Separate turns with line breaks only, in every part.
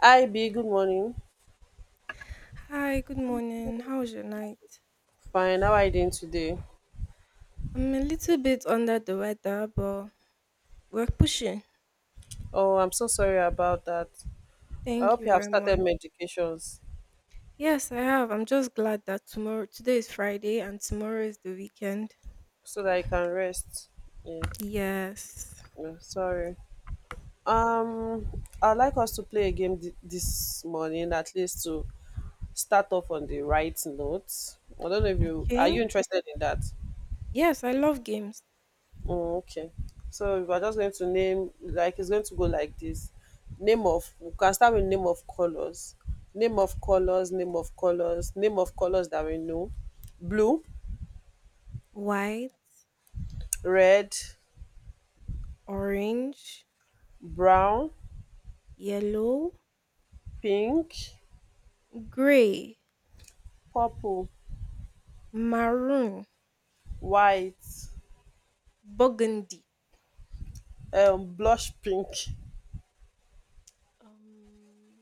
Hi B, good morning.
Hi, good morning. How was your night?
Fine, how are you doing today?
I'm a little bit under the weather, but we're pushing.
Oh, I'm so sorry about that. I
Thank
hope
you
you have
very
started
much.
medications
Yes, I have. I'm just glad that tomorrow, today is Friday and tomorrow is the weekend.
so that you can rest. Yeah,
Yes.
yeah, sorry. Um, I'd like us to play a game this morning, at least to start off on the right note. I don't know if you are
Okay.
you interested in that?
Yes, I love games.
Oh, okay. So we're just going to name, like it's going to go like this. Name of, we can start with name of colors. Name of colors, name of colors, name of colors that we know. Blue,
White,
red,
orange,
brown,
yellow,
pink,
gray,
purple,
maroon,
white,
burgundy,
blush pink,
um,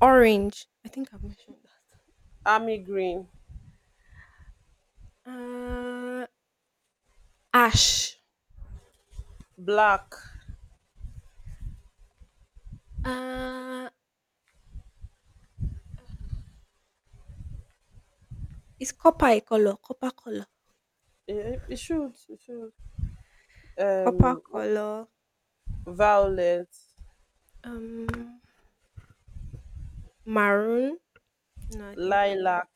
orange. I think I've mentioned
army green,
that. Ash.
black.
Uh, Is copper a color? Copper color.
It should it should.
Copper
um
color,
Violet,
um, maroon? No, I think
lilac,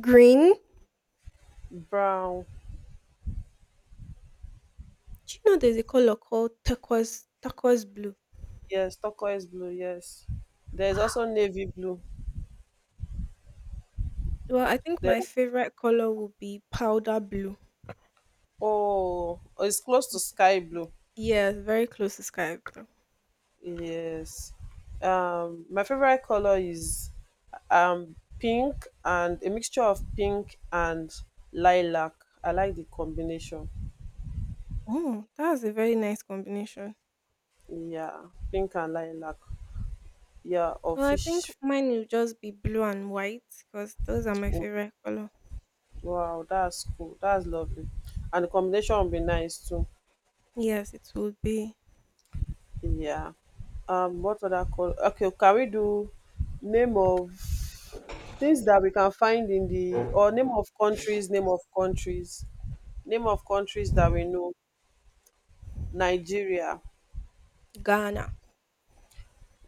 green.
brown.
Do you know there's a color called turquoise blue?
Yes, turquoise blue, yes. There's also navy blue.
Well, I think my
There's,
favorite color would be powder blue.
oh, it's close to sky blue.
Yeah, very close to sky blue.
Yes. My favorite color is pink, and a mixture of pink and lilac. I like the combination.
Oh, that's a very nice combination.
Yeah, pink and lilac. Yeah, or
Well, I think
fish.
mine will just be blue and white because those are my favorite color.
Wow, that's cool. That's lovely. And the combination will be nice too.
Yes, it would be.
Yeah. What other call? Okay, can we do name of things that we can find in the, or name of countries, name of countries, name of countries that we know: Nigeria,
Ghana,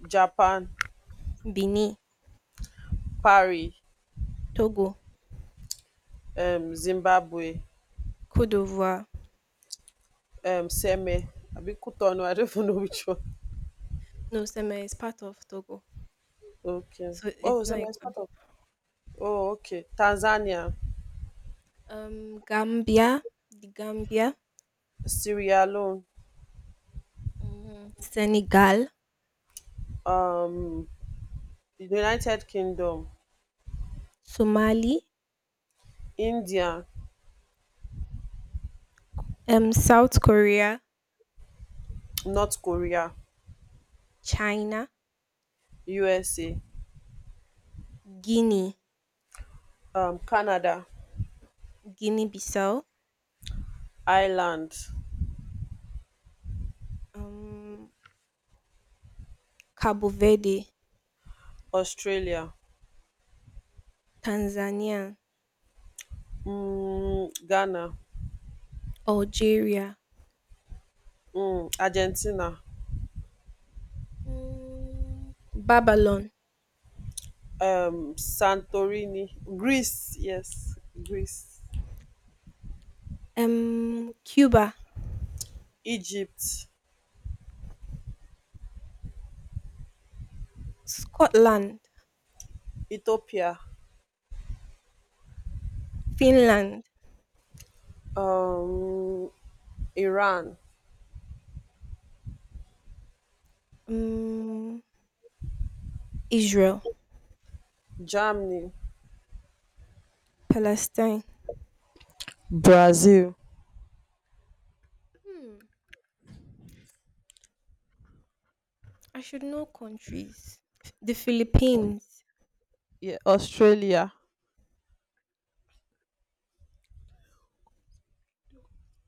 Japan,
Benin,
Paris,
Togo,
Zimbabwe,
Cote d'Ivoire.
Seme. I be Cotonou. I don't even know which one.
No, Seme is part of Togo.
Okay.
So
Oh,
it's not
Seme is
Ekpa.
part of. Oh, okay. Tanzania,
Gambia, the Gambia,
Sierra Leone,
mm, Senegal,
um, United Kingdom,
Somali,
India,
South Korea,
North Korea,
China,
USA.
Guinea,
Canada,
Guinea-Bissau,
Ireland,
um, Cabo Verde,
Australia,
Tanzania,
Ghana,
Algeria,
Argentina,
mm, Babylon,
Santorini, Greece, yes, Greece,
Cuba,
Egypt,
Scotland,
Ethiopia,
Finland,
um Iran,
um, Israel,
Germany,
Palestine.
Brazil.
Hmm, I should know countries. The Philippines.
Yeah, Australia,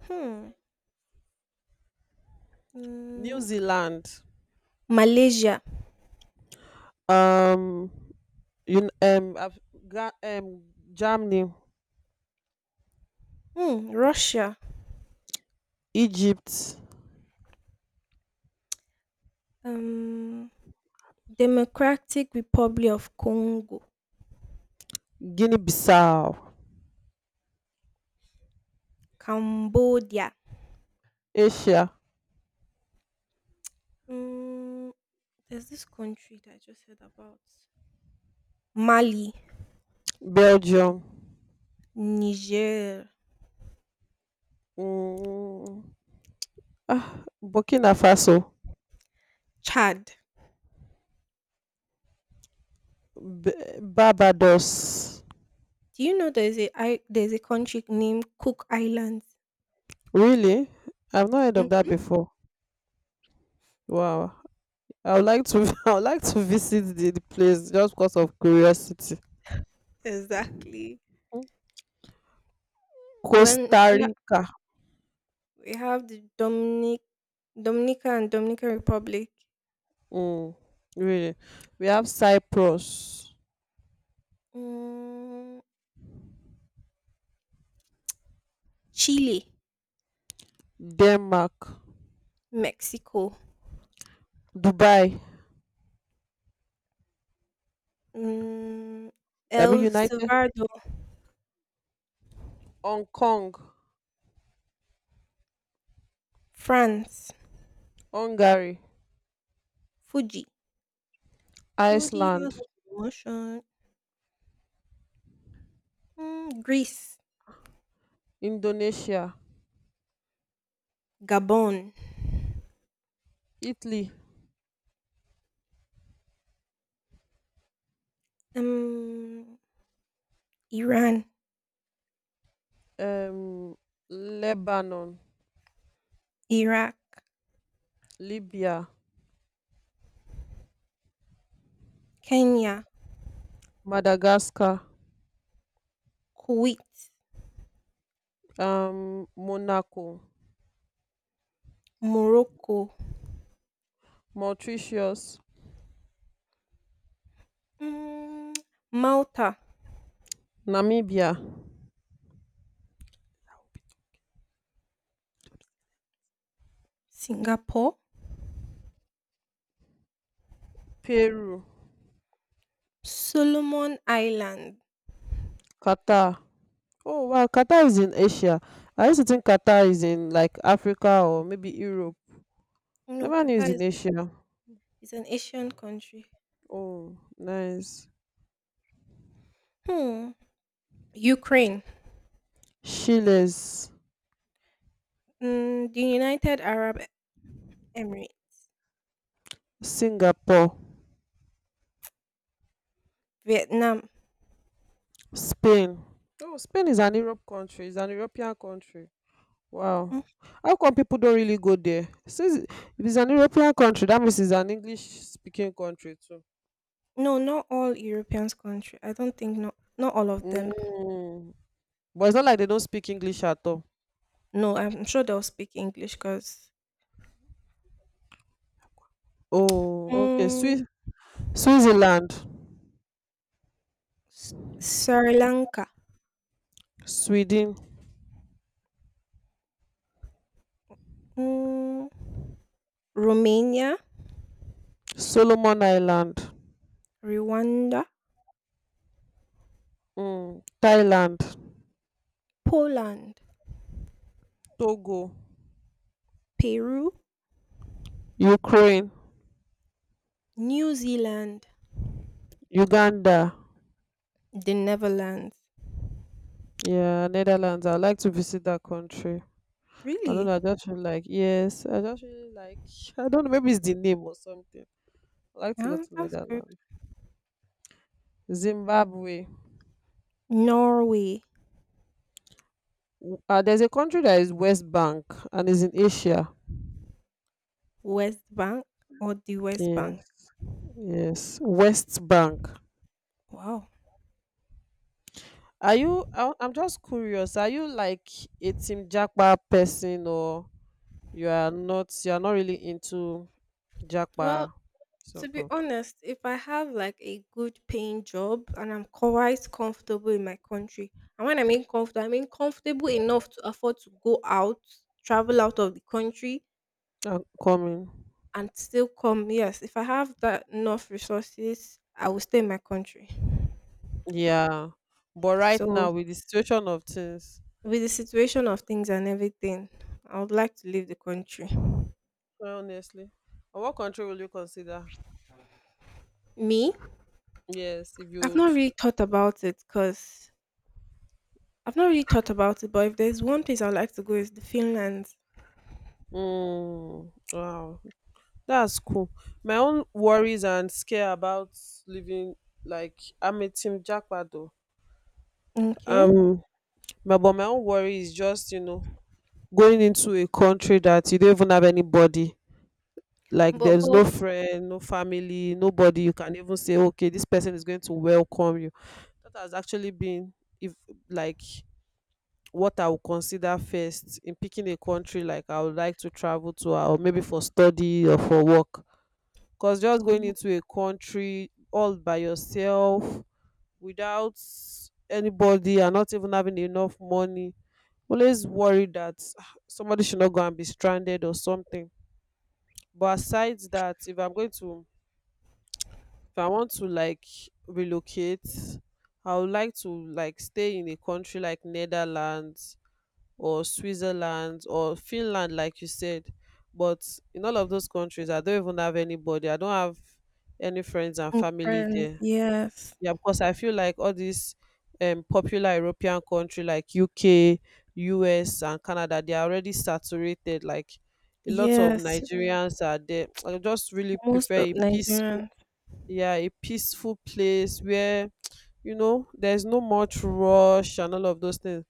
Hmm.
New
Mm,
Zealand,
Malaysia.
um un- um Af- Ga- um Germany,
Hmm. Russia.
Egypt,
Um. Democratic Republic of Congo.
Guinea-Bissau,
Cambodia.
Asia,
Mm, there's this country that I just heard about. Mali,
Belgium.
Niger,
Mm, ah, Burkina Faso,
Chad.
Barbados.
Do you know there's a I, there's a country named Cook Islands?
Really? I've not heard of that
Mm,
before. Wow. I would like to I would like to visit the place just because of curiosity.
exactly.
Mm.
When
Costa
we, ha-
Rica.
we have the Dominica and Dominican Republic,
Mm, really. We have Cyprus,
mm, Chile,
Denmark,
Mexico,
Dubai,
mm, El
Abi United,
Salvador,
Hong Kong,
France,
Hungary,
Fuji, Fuji
Iceland,
House of Emotion, mm, Greece,
Indonesia,
Gabon,
Italy,
um, Iran,
um, Lebanon.
Iraq,
Libya,
Kenya,
Madagascar,
Kuwait,
Monaco,
Morocco,
Mauritius,
mm, Malta,
Namibia,
Singapore,
Peru,
Solomon Island.
Qatar. Oh wow, Qatar is in Asia. I used to think Qatar is in like Africa or maybe Europe.
No,
Never knew it's
Qatar
in Asia.
is an Asian country.
Oh, nice.
Hmm. Ukraine,
Chiles,
mm, the United Arab Emirates,
Singapore,
Vietnam.
Spain. Oh, Spain is an Europe country. It's an European country. Wow. How come people don't really go there? Since, if it's an European country, that means it's an English speaking country too.
No, not all European country. I don't think not all of them.
Mm. But it's not like they don't speak English at all.
No, I'm sure they'll speak English because
Oh, okay.
mm,
Swiss, Switzerland,
S- Sri Lanka,
Sweden,
mm, Romania,
Solomon Island,
Rwanda,
mm. Thailand,
Poland,
Togo,
Peru,
Ukraine,
New Zealand,
Uganda.
the Netherlands.
Yeah, Netherlands. I'd like to visit that country. I don't
Really?
know. I just feel like yes. I just feel like I don't know. Maybe it's the name or something. I like to go
Yeah,
to
that's good.
Netherlands. Zimbabwe.
Norway,
There's a country that is West Bank and is in Asia.
West Bank or the West Bank.
Yes, yes, West Bank.
Wow.
Are you? I'm just curious. Are you like a Team Jackpa person, or you are not? You are not really into
Well,
Jackpa
to
sort
be
of,
honest, if I have like a good paying job and I'm quite comfortable in my country, and when I mean comfortable enough to afford to go out, travel out of the country,
coming.
and still come. Yes, if I have that enough resources, I will stay in my country.
Yeah, but right
So,
now with the situation of things,
with the situation of things and everything, I would like to leave the country.
honestly, what country will you consider?
Me,
Yes, if you
I've
would.
not really thought about it because I've not really thought about it. But if there's one place I'd like to go, is the Finland.
Mm, wow. That's cool. My own worries and scare about living, like I'm a team jackpot though.
Okay.
Um my, but my own worry is just, you know, going into a country that you don't even have anybody. Like
But
there's
but
no friend, no family, nobody you can even say, okay, this person is going to welcome you. That has actually been, if, like, what I would consider first in picking a country like I would like to travel to or maybe for study or for work. Because just going
oh,
into a country all by yourself without anybody and not even having enough money, always worry that ah, somebody should not go and be stranded or something. But aside that, if I'm going to, if I want to like relocate, I would like to like stay in a country like Netherlands or Switzerland or Finland, like you said. But in all of those countries, I don't even have anybody. I don't have any friends and
and
family
friends,
there.
yes,
Yeah, because I feel like all these popular European country like UK, US, and Canada, they are already saturated. Like a lot of
yes,
Nigerians are there. I just really
most
prefer
of
a peaceful,
Nigerians,
yeah, a peaceful place where you know there's no much rush and all of those things.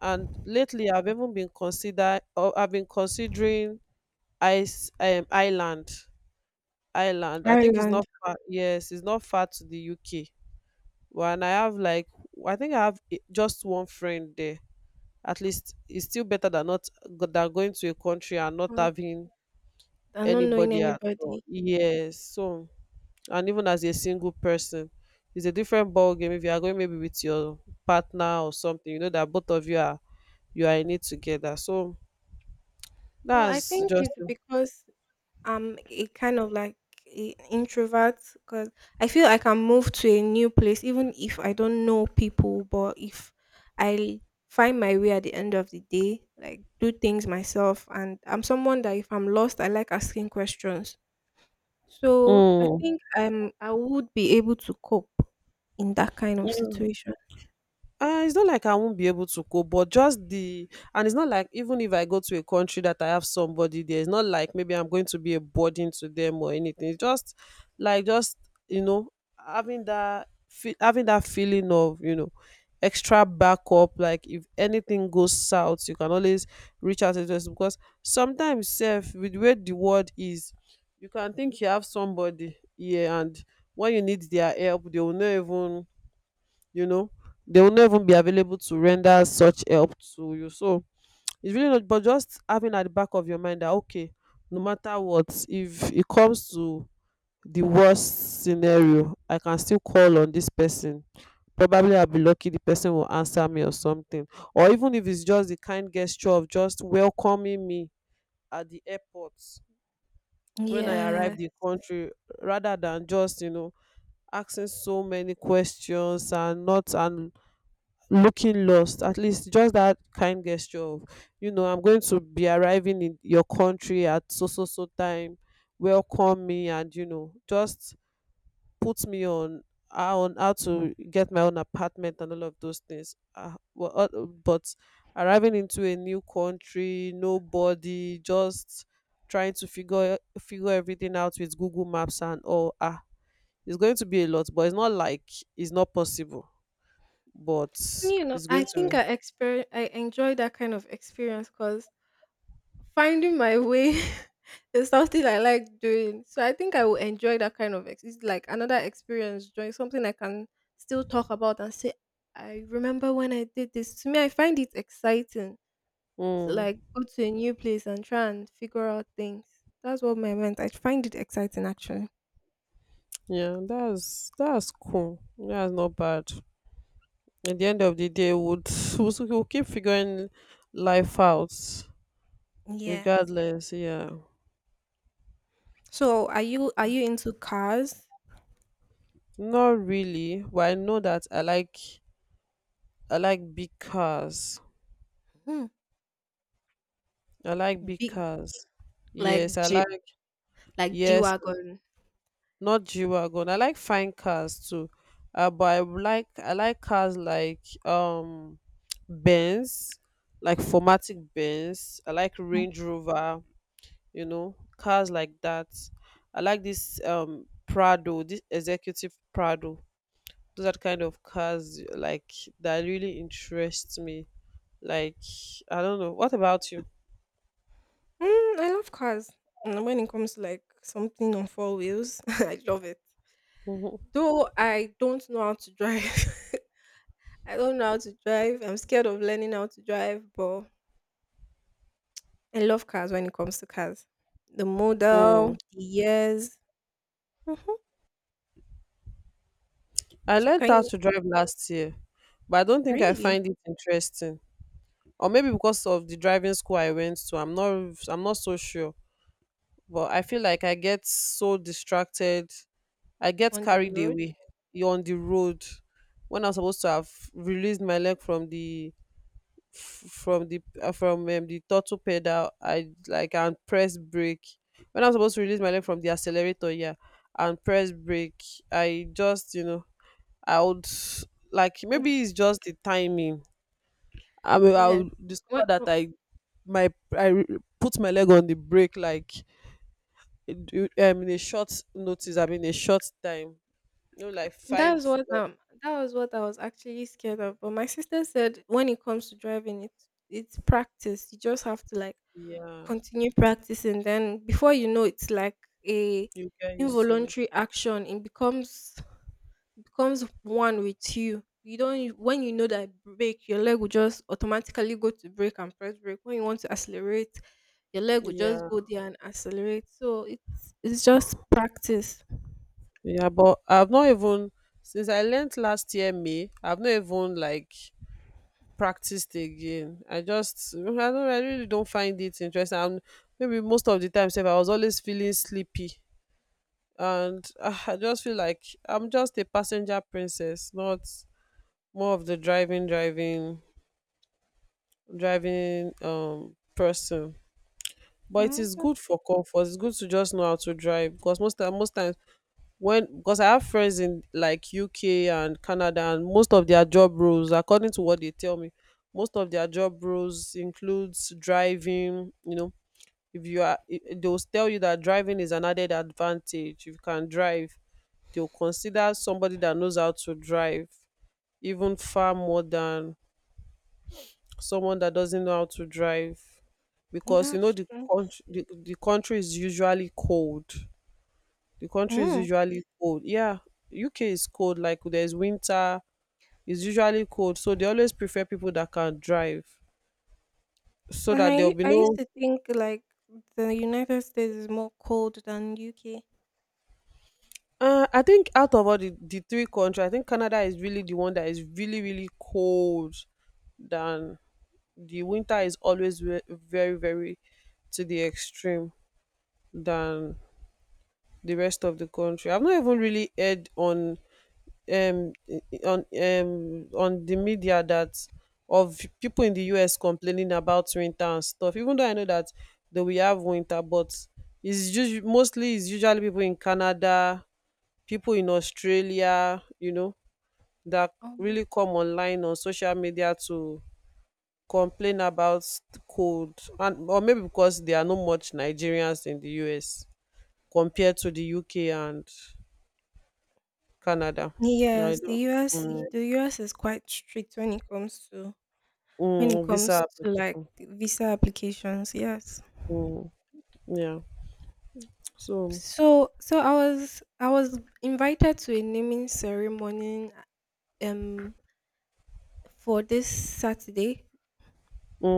And lately, I've even been consider, or I've been considering ice Ireland. Ireland. I think it's
Ireland,
not far. Yes, it's not far to the UK. Well, and I have like I think I have just one friend there. At least it's still better than not than going to a country and not
and
having
are not knowing
anybody at all.
anybody.
Yes. So, and even as a single person, it's a different ball game if you are going maybe with your partner or something. You know that both of you are, you are in it together. So
Well, I
that's
think
just.
it's because I'm a kind of like a introvert, because I feel I can move to a new place even if I don't know people, but if I find my way at the end of the day, like do things myself, and I'm someone that if I'm lost, I like asking questions. So I
Mm.
think I'm I would be able to cope in that kind of situation.
It's not like I won't be able to cope, but just the, and it's not like even if I go to a country that I have somebody there, it's not like maybe I'm going to be a burden to them or anything. It's just like just, you know, having that having that feeling of, you know, extra backup. Like if anything goes south, you can always reach out to us, because sometimes self with where the world is, you can think you have somebody here and when you need their help, they will not even, you know, they will not even be available to render such help to you. So it's really not, but just having at the back of your mind that okay, no matter what, if it comes to the worst scenario, I can still call on this person, probably I'll be lucky, the person will answer me or something. Or even if it's just the kind gesture of just welcoming me at the airport when I arrive
Yeah.
the country, rather than just, you know, asking so many questions and not, and looking lost. At least just that kind gesture of, you know, I'm going to be arriving in your country at so so so time, welcome me and, you know, just put me on how, on how to get my own apartment and all of those things. But arriving into a new country, nobody, just trying to figure everything out with Google Maps and all, ah, it's going to be a lot. But it's not like it's not possible. But
You know,
it's
I
going
think
to.
I enjoy that kind of experience because finding my way is something I like doing. So I think I will enjoy that kind of it's like another experience, doing something I can still talk about and say, I remember when I did this. To me, I find it exciting. To
Mm,
like go to a new place and try and figure out things. That's what my meant. I find it exciting actually.
yeah, that's cool. That's not bad. At the end of the day, we'll, we'll keep figuring life out,
Yes.
regardless. Yeah,
So are you into cars?
not really. But I know that I like, I like big cars.
Hmm.
I like big
Big.
cars. Yes,
Like
I
Jeep,
like,
like G
yes,
Wagon.
not G-Wagon. I like fine cars too. But I would like, I like cars like um Benz, like formatic Benz. I like
Mm.
Range Rover. You know cars like that. I like this prado, this executive prado. Those are the kind of cars like that really interest me. Like, I don't know, what about you?
Mm, I love cars. And when it comes to like something on four wheels, I love it.
Mhm.
Though I don't know how to drive. I don't know how to drive. I'm scared of learning how to drive, but I love cars when it comes to cars. The model,
Mm.
the years. Hmm.
I
So
learned
can
how
you
to drive last year, but I don't think I
really
find it interesting. Or maybe because of the driving school I went to, I'm not, I'm not so sure. But I feel like I get so distracted. I get
on the
carried
road?
away. You're on the road when I'm supposed to have released my leg from the f- from the from the throttle pedal. I like and press brake when I'm supposed to release my leg from the accelerator. Yeah, and press brake. I just, you know, I would like,
Okay.
maybe it's just the timing. I mean, I
Yes.
would discover
What
that
what-
I, my, I put my leg on the brake like in- in a short notice. I mean a short time, you know, like five.
that was what I was actually scared of. But my sister said when it comes to driving it's practice. You just have to like
Yeah,
continue practicing. Then before you know it's like a
you get used to it.
involuntary action. It becomes one with you. You don't when you know that brake, your leg will just automatically go to brake and press brake. When you want to accelerate, your leg will just
Yeah,
go there and accelerate. So it's just practice.
yeah, but I've not even, since I learnt last year May, I've not even like practiced again. I just, I don't, I really don't find it interesting. And maybe most of the time, sef, I was always feeling sleepy, and ah, I just feel like I'm just a passenger princess, not more of the driving, driving, driving person. But it
Mm,
is
that-
good for comfort. It's good to just know how to drive. Because most time, most times when, because I have friends in like UK and Canada, and most of their job roles, according to what they tell me, most of their job roles includes driving. You know, if you are, they'll tell you that driving is an added advantage. If you can drive, they'll consider somebody that knows how to drive even far more than someone that doesn't know how to drive, because you know
that's
the
true.
country, the country is usually cold. The country is
Mm.
usually cold. Yeah, UK is cold. Like there's winter. It's usually cold, so they always prefer people that can drive, so
And
that there'll be
I used
no.
to think like the United States is more cold than UK.
I think out of all the three countries, I think Canada is really the one that is really really cold. Than the winter is always very very to the extreme than the rest of the country. I've not even really heard um on the media that of people in the US complaining about winter and stuff. Even though I know that they will have winter, but it's just mostly it's usually people in Canada, people in Australia, you know, that
Oh.
really come online on social media to complain about cold and or maybe because there are no much Nigerians in the US compared to the UK and Canada. I
Yes,
don't,
the US
mm.
the US is quite strict when it comes to when it
Mm,
comes
visa
to like
application.
the visa applications. Yes.
Mm, yeah. So,
So I was I was invited to a naming ceremony um for this Saturday,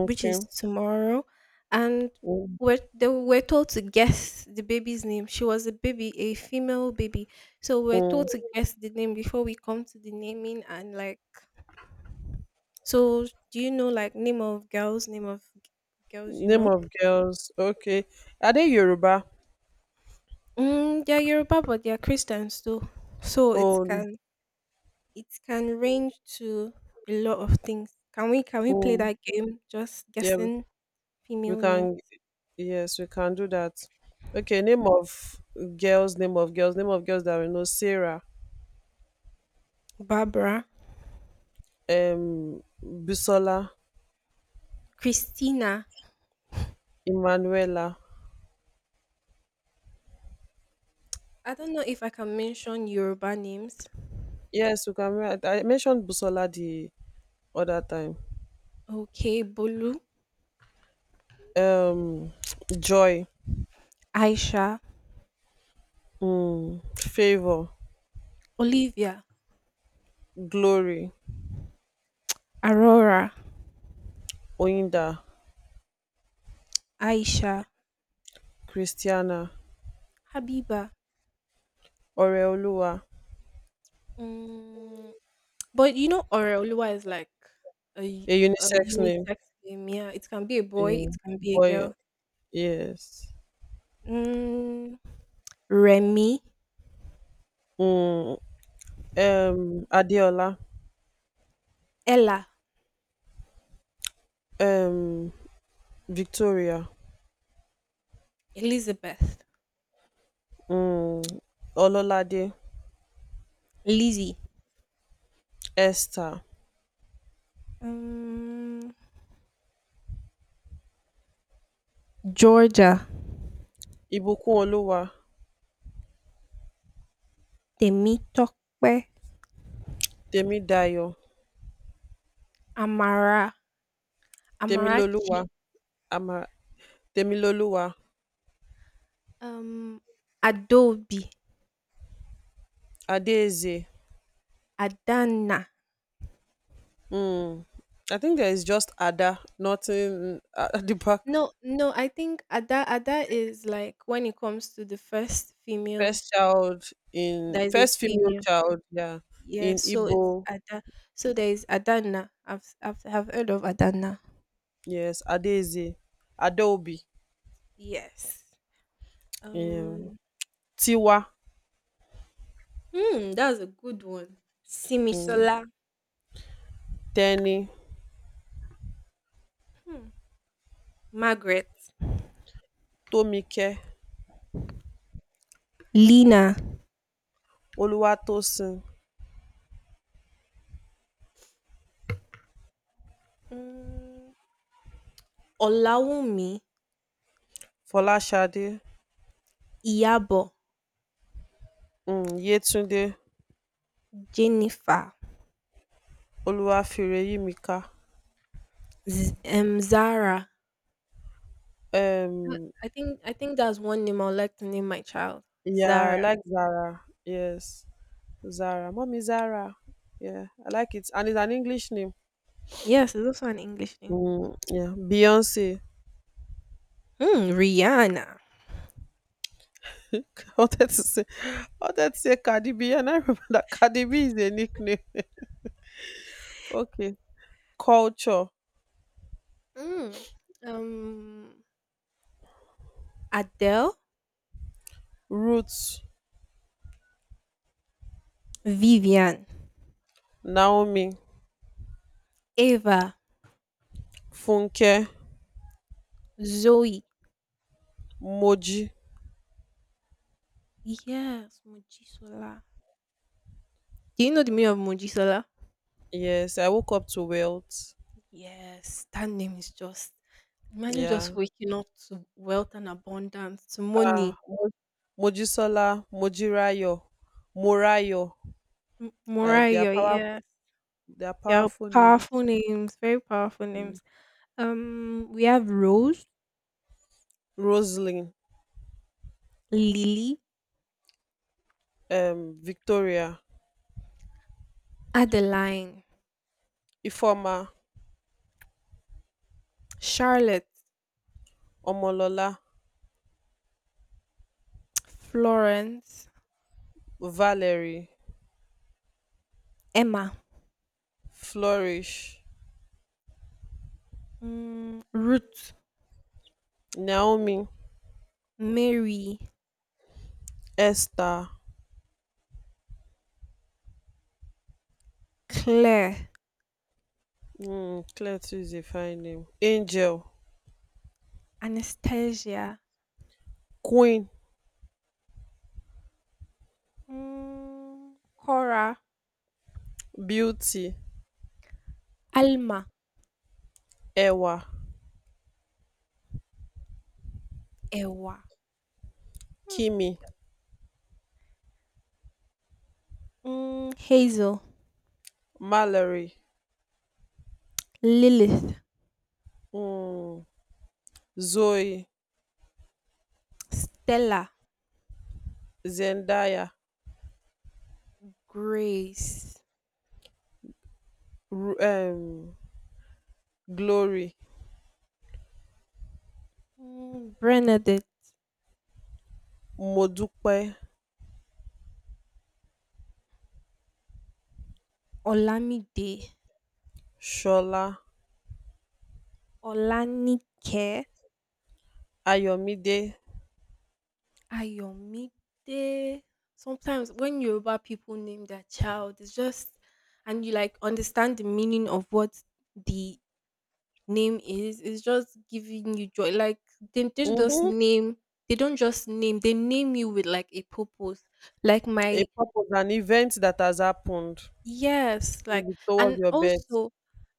which is tomorrow, and
Mm,
we're they were told to guess the baby's name. She was a baby, a female baby. So we're told to
mm.
guess the name before we come to the naming and like so do you know like name of girls, name of girls you
Name
know?
of girls. Okay. Are they Yoruba?
Mm, they're Yoruba but they're Christians too. So it
Oh,
can it can range to a lot of things. Can we play
mm,
that game? Just
yeah.
guessing
We
female name.
can. Yes, we can do that. Okay. Name of girls. Name of girls. Name of girls that we know. Sarah.
Barbara.
Busola.
Christina.
Emanuela.
I don't know if I can mention Yoruba names.
Yes, we can. Write- I mentioned Busola the other time.
Okay, Bolu.
Um. Joy.
Aisha.
Mm, favor.
Olivia.
Glory.
Aurora.
Oyinda.
Aisha.
Christiana.
Habiba.
Oreoluwa,
Mm, but you know Oreoluwa is like a
a
a
unisex name
unisex name. Yeah, it can be a boy, it
in.
can be a
Boy
girl.
yes,
Mm, Remy.
um, Adeola,
Ella.
um, Victoria,
Elizabeth.
um, Ọlọ́ládé,
Lizzie,
Esther,
um, Georgia,
Ìbùkúnolúwa,
Temitope,
Tèmídayọ̀,
Amara,
Tèmilolúwa,
Amarachi,
Ama Tèmilolúwa,
um, Adobe,
Adéèzè,
Adana.
um, I think there is just Ada, nothing at the back.
No, no, I think Ada is like when it comes to the first female,
First child in
there is a
first female
female.
child, yeah,
Yeah,
in
so it's
Igbo,
Ada. So there is Adana. I've heard of Adana.
yes. Adaeze, Adaobi,
Yes.
um
Um.
Tiwa,
Hmm, that's a good one.
um
Simisola.
Teni,
Hmm. Margaret.
Tomike,
Lina.
Oluwatosin,
Mm, Olawumi,
Fọláṣadé,
Iyabo,
Yétúndé,
Jennifer,
Olúwafẹ́rẹ́yìmíkà,
Zara. Uh,
um
I think that's one name I'd like to name my child.
yeah, I
Zara.
like Zara, yes. Zara, mummy Zara, yeah, I like it, and it's an English name.
Yes, it's also an English name.
Yeah, Beyonce.
Hmm, Rihanna.
I I wanted to say Cardi B, and I remember that Cardi B is a nickname. Okay. Culture,
Mm, um, Adele,
Roots,
Vivian,
Naomi,
Eva,
Funke,
Zoe.
Moji.
Yes, Mojisola. Do you know the meaning of Mojisola?
Yes, I woke up to wealth.
Yes, that name is just. Imagine just
Yeah.
waking up to wealth and abundance, to
Ah,
money.
Mo- Mojisola, Mojirayo, Morayo. Like they are
Morayo,
power,
yeah.
they are
Yeah,
powerful names.
powerful names, very powerful
Yeah.
names. We have Rose,
Rosalind,
Lily,
Victoria,
Adeline,
Ifoma,
Charlotte,
Omolola,
Florence,
Valerie,
Emma,
Flourish,
mm, Ruth,
Naomi,
Mary,
Esther.
Claire,
Clear too is a fine name. Angel,
Anastasia,
Queen,
mm, Cora,
Beauty,
Alma,
Ẹwà,
Ewa, mm,
Kimi,
mm, Hazel,
Mallory,
Lilith,
um Zoe,
Stella,
Zendaya,
Grace,
um Glory,
mm, Bernadette,
Modupe,
Olamide.
Shola,
Olanike.
Ayomide.
Ayomide. Sometimes when Yoruba people name their child, it's just and you like understand the meaning of what the name is. It's just giving you joy. Like they just
um
name. They don't just name. They name you with like a purpose. Like
A
my
purpose, an event that has happened
yes, like
maybe towards
and
your birth.
also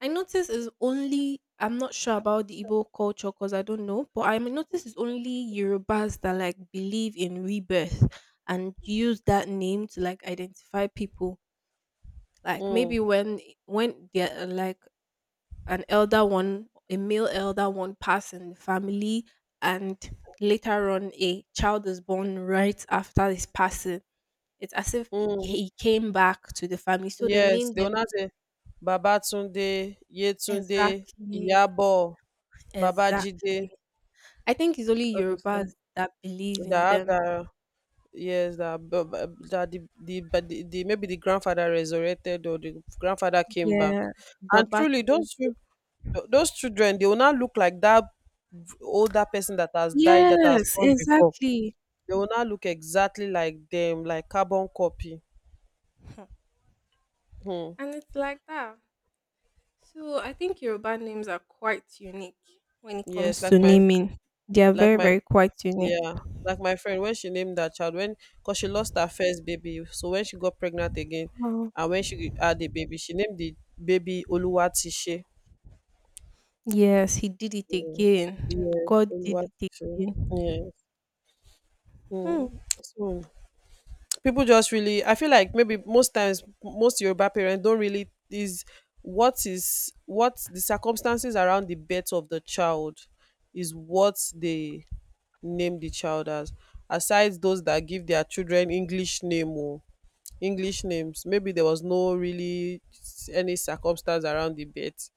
I notice is only I'm not sure about the Igbo culture because I don't know, but I notice it's only Yorubas that like believe in rebirth and use that name to like identify people. Like maybe
um
when they're like an elder one, a male elder one pass in the family, and later on a child is born right after his passing. It's as if he
um
he came back to the family, so they
Yes,
name
they will
them
now say Babatunde, Yetunde,
exactly.
Iyabo. Babajide,
Exactly. I think it's only
all those things
Yorubas that believe in
that have
them.
that, yes, that that the but the maybe the grandfather resurrected or the grandfather came back,
Yeah.
and truly
Babatunde.
those children they will not look like that older person that has died that has
Yes,
gone before.
exactly.
They will not look exactly like them, like carbon copy.
Hmm.
Hmm.
And it's like that. So I think Yoruba names are quite unique when it
Yes,
comes to naming. They are
like
very,
my
very quite
yeah,
unique.
like my friend, when she named that child, when because she lost her first baby, so when she got pregnant again,
Oh.
and when she had the baby, she named the baby Oluwatishe.
Yes, he did it
Mm.
again.
Yes,
God did it
Oluwatishe.
again.
Yes.
Hmm.
Mm. So people just really, I feel like maybe most times most Yoruba parents don't really is what the circumstances around the birth of the child is what they name the child as. Aside those that give their children English name, oh, English names. Maybe there was no really s- any circumstance around the birth,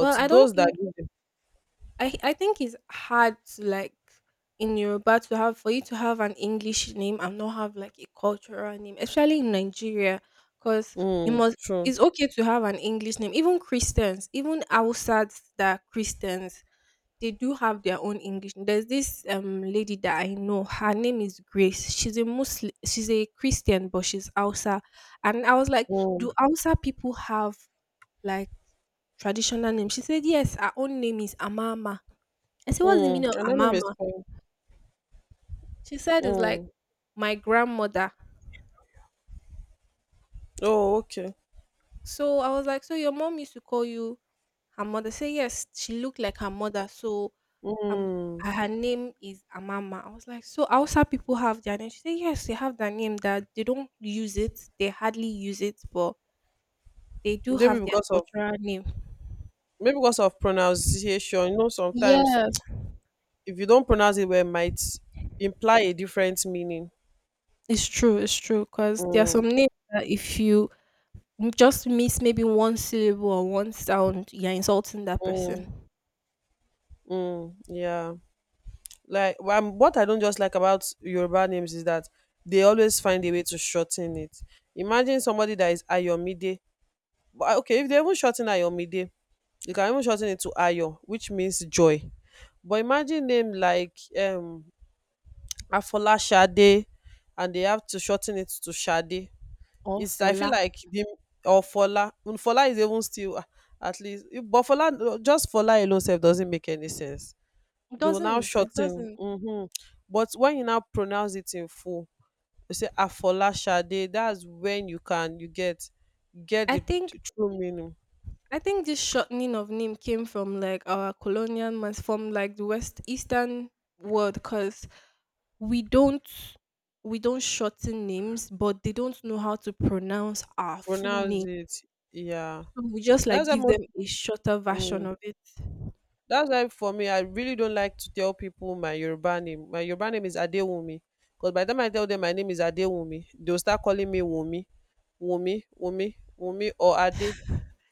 Well, I don't
those that
think
give them,
I think it's hard to like in Yoruba to have for you to have an English name and not have like a cultural name, especially in Nigeria, because you
mm,
must.
true.
It's okay to have an English name. Even Christians, even outside that are Christians, they do have their own English. There's this lady that I know. Her name is Grace. She's a Muslim. She's a Christian, but she's Hausa. And I was like,
Mm,
do Hausa people have like traditional names? She said yes. Her own name is Amama. I said, what's the
mm.
meaning of
Anonymous.
Amama?
Coin.
She said, it's like
Mm.
my grandmother.
Oh, okay.
So I was like, so your mom used to call you her mother? Say, yes, she looked like her mother. So um,
Mm.
her name is Amama. I was like, so Hausa people have their name? She said, yes, they have their name that they don't use it. They hardly use it, but they do
Maybe
have their
because of
cultural name.
maybe because of pronunciation. You know, sometimes
Yes,
if you don't pronounce it well, it might imply a different meaning.
it's true. It's true because there are
Mm,
some names that if you just miss maybe one syllable or one sound, you're insulting that person.
mm, mm. Yeah. Like what I don't just like about Yoruba names is that they always find a way to shorten it. Imagine somebody that is Ayomide. But okay, if they even shorten Ayomide, you can even shorten it to Ayo, which means joy. But imagine name like Afolashade and they have to shorten it to Shade.
Or
It's I feel
Fola.
like the or Fola. When Fola is even still ah, at least but Fola just Fola alone self doesn't make any sense.
It
They will now
doesn't. It
shorten.
doesn't.
Mhm. But when you now pronounce it in full, you say Afolashade. That's when you can you get
I think
the true meaning.
I think this shortening of name came from like our colonial mas from like the West Eastern world because we don't we don't shorten names, but they don't know how to pronounce our full
Pronounce
name.
it. Yeah.
So we just like
That's
give
almost.
them a shorter version
Mm.
of it.
That's why for me, I really don't like to tell people my Yoruba name. My Yoruba name is Adewumi. Because by the time I tell them my name is Adewumi, they'll start calling me Wumi, Wumi, Wumi, Wumi, or Ade.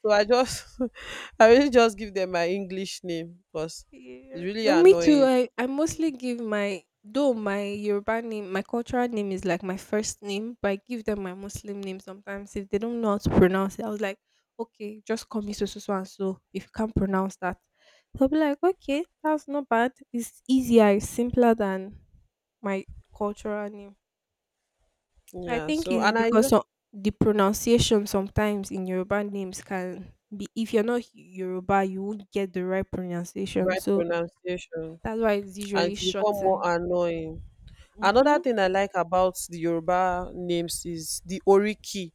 So I just, I really just give them my English name because it's
Yeah.
really
No, me too.
annoying.
I mostly give my though my Yoruba name, my cultural name is like my first name, but I give them my Muslim name sometimes if they don't know how to pronounce it. I was like, okay, just call me so so so and so if you can't pronounce that. They'll be like, okay, that's not bad. It's easier, it's simpler than my cultural name. So I
Yeah.
think
So,
it's
and I
because
like
of the pronunciation sometimes in Yoruba names can be if you're not Yoruba, you won't get the right pronunciation.
bright
So
pronunciation
that's why it's
and
usually
it's become more
shortened.
annoying. Another
Mm-hmm.
thing I like about the Yoruba names is the Oriki,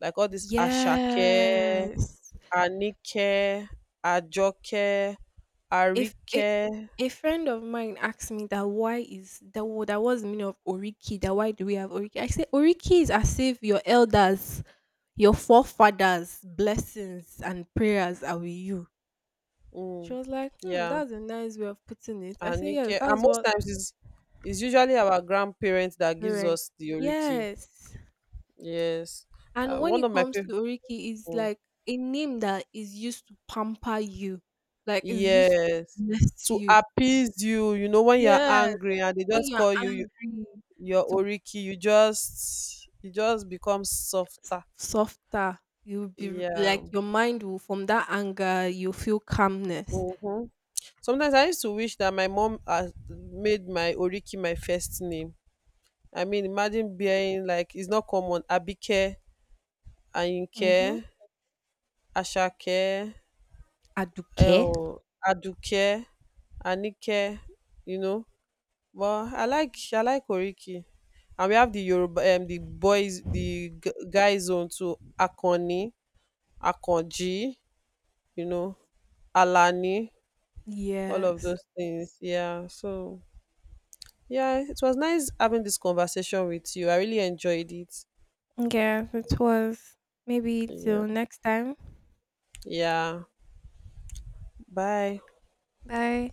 like all this Ashake,
Yes.
Àníkẹ́, Àjọkẹ́,
If a
Àríkẹ́.
a friend of mine asked me that why is that what that was the meaning of Oriki, that why do we have Oriki? I say Oriki is as if your elders, your forefathers' blessings and prayers are with you. She
Mm,
was like, hmm,
yeah,
that's a nice way of putting it. I say, yes,
Àníkẹ́. And
that's
most
what
times it's usually our grandparents that gives
parents.
us the Oriki.
Yes.
Yes.
And when
One
it
of my
comes to
favorite.
Oriki, it's like a name that is used to pamper you, like it's used to
Yes.
bless
To
you.
appease you, you know, when you're
Yes,
angry and they
when
just
you're
call you, you
angry,
your
to
Oriki, you just become softer.
softer, you'll be
Yeah.
like your mind will from that anger, you'll feel calmness.
Mm-hmm. Sometimes I used to wish that my mom made my Oriki my first name. I mean, imagine bearing like it's not common. Abike,
Mm-hmm.
Ayinke, Ashake,
Aduke.
um, Aduke, Anike, you know. But I like Oriki, and we have the Yoruba, the boys, the guys on too. Akoni, Akonji, you know, Alani, all of
Yes.
those things. Yeah. So yeah, it was nice having this conversation with you. I really enjoyed it.
Yeah, it was. Maybe
Yeah.
till next time.
Yeah. Bye.
Bye.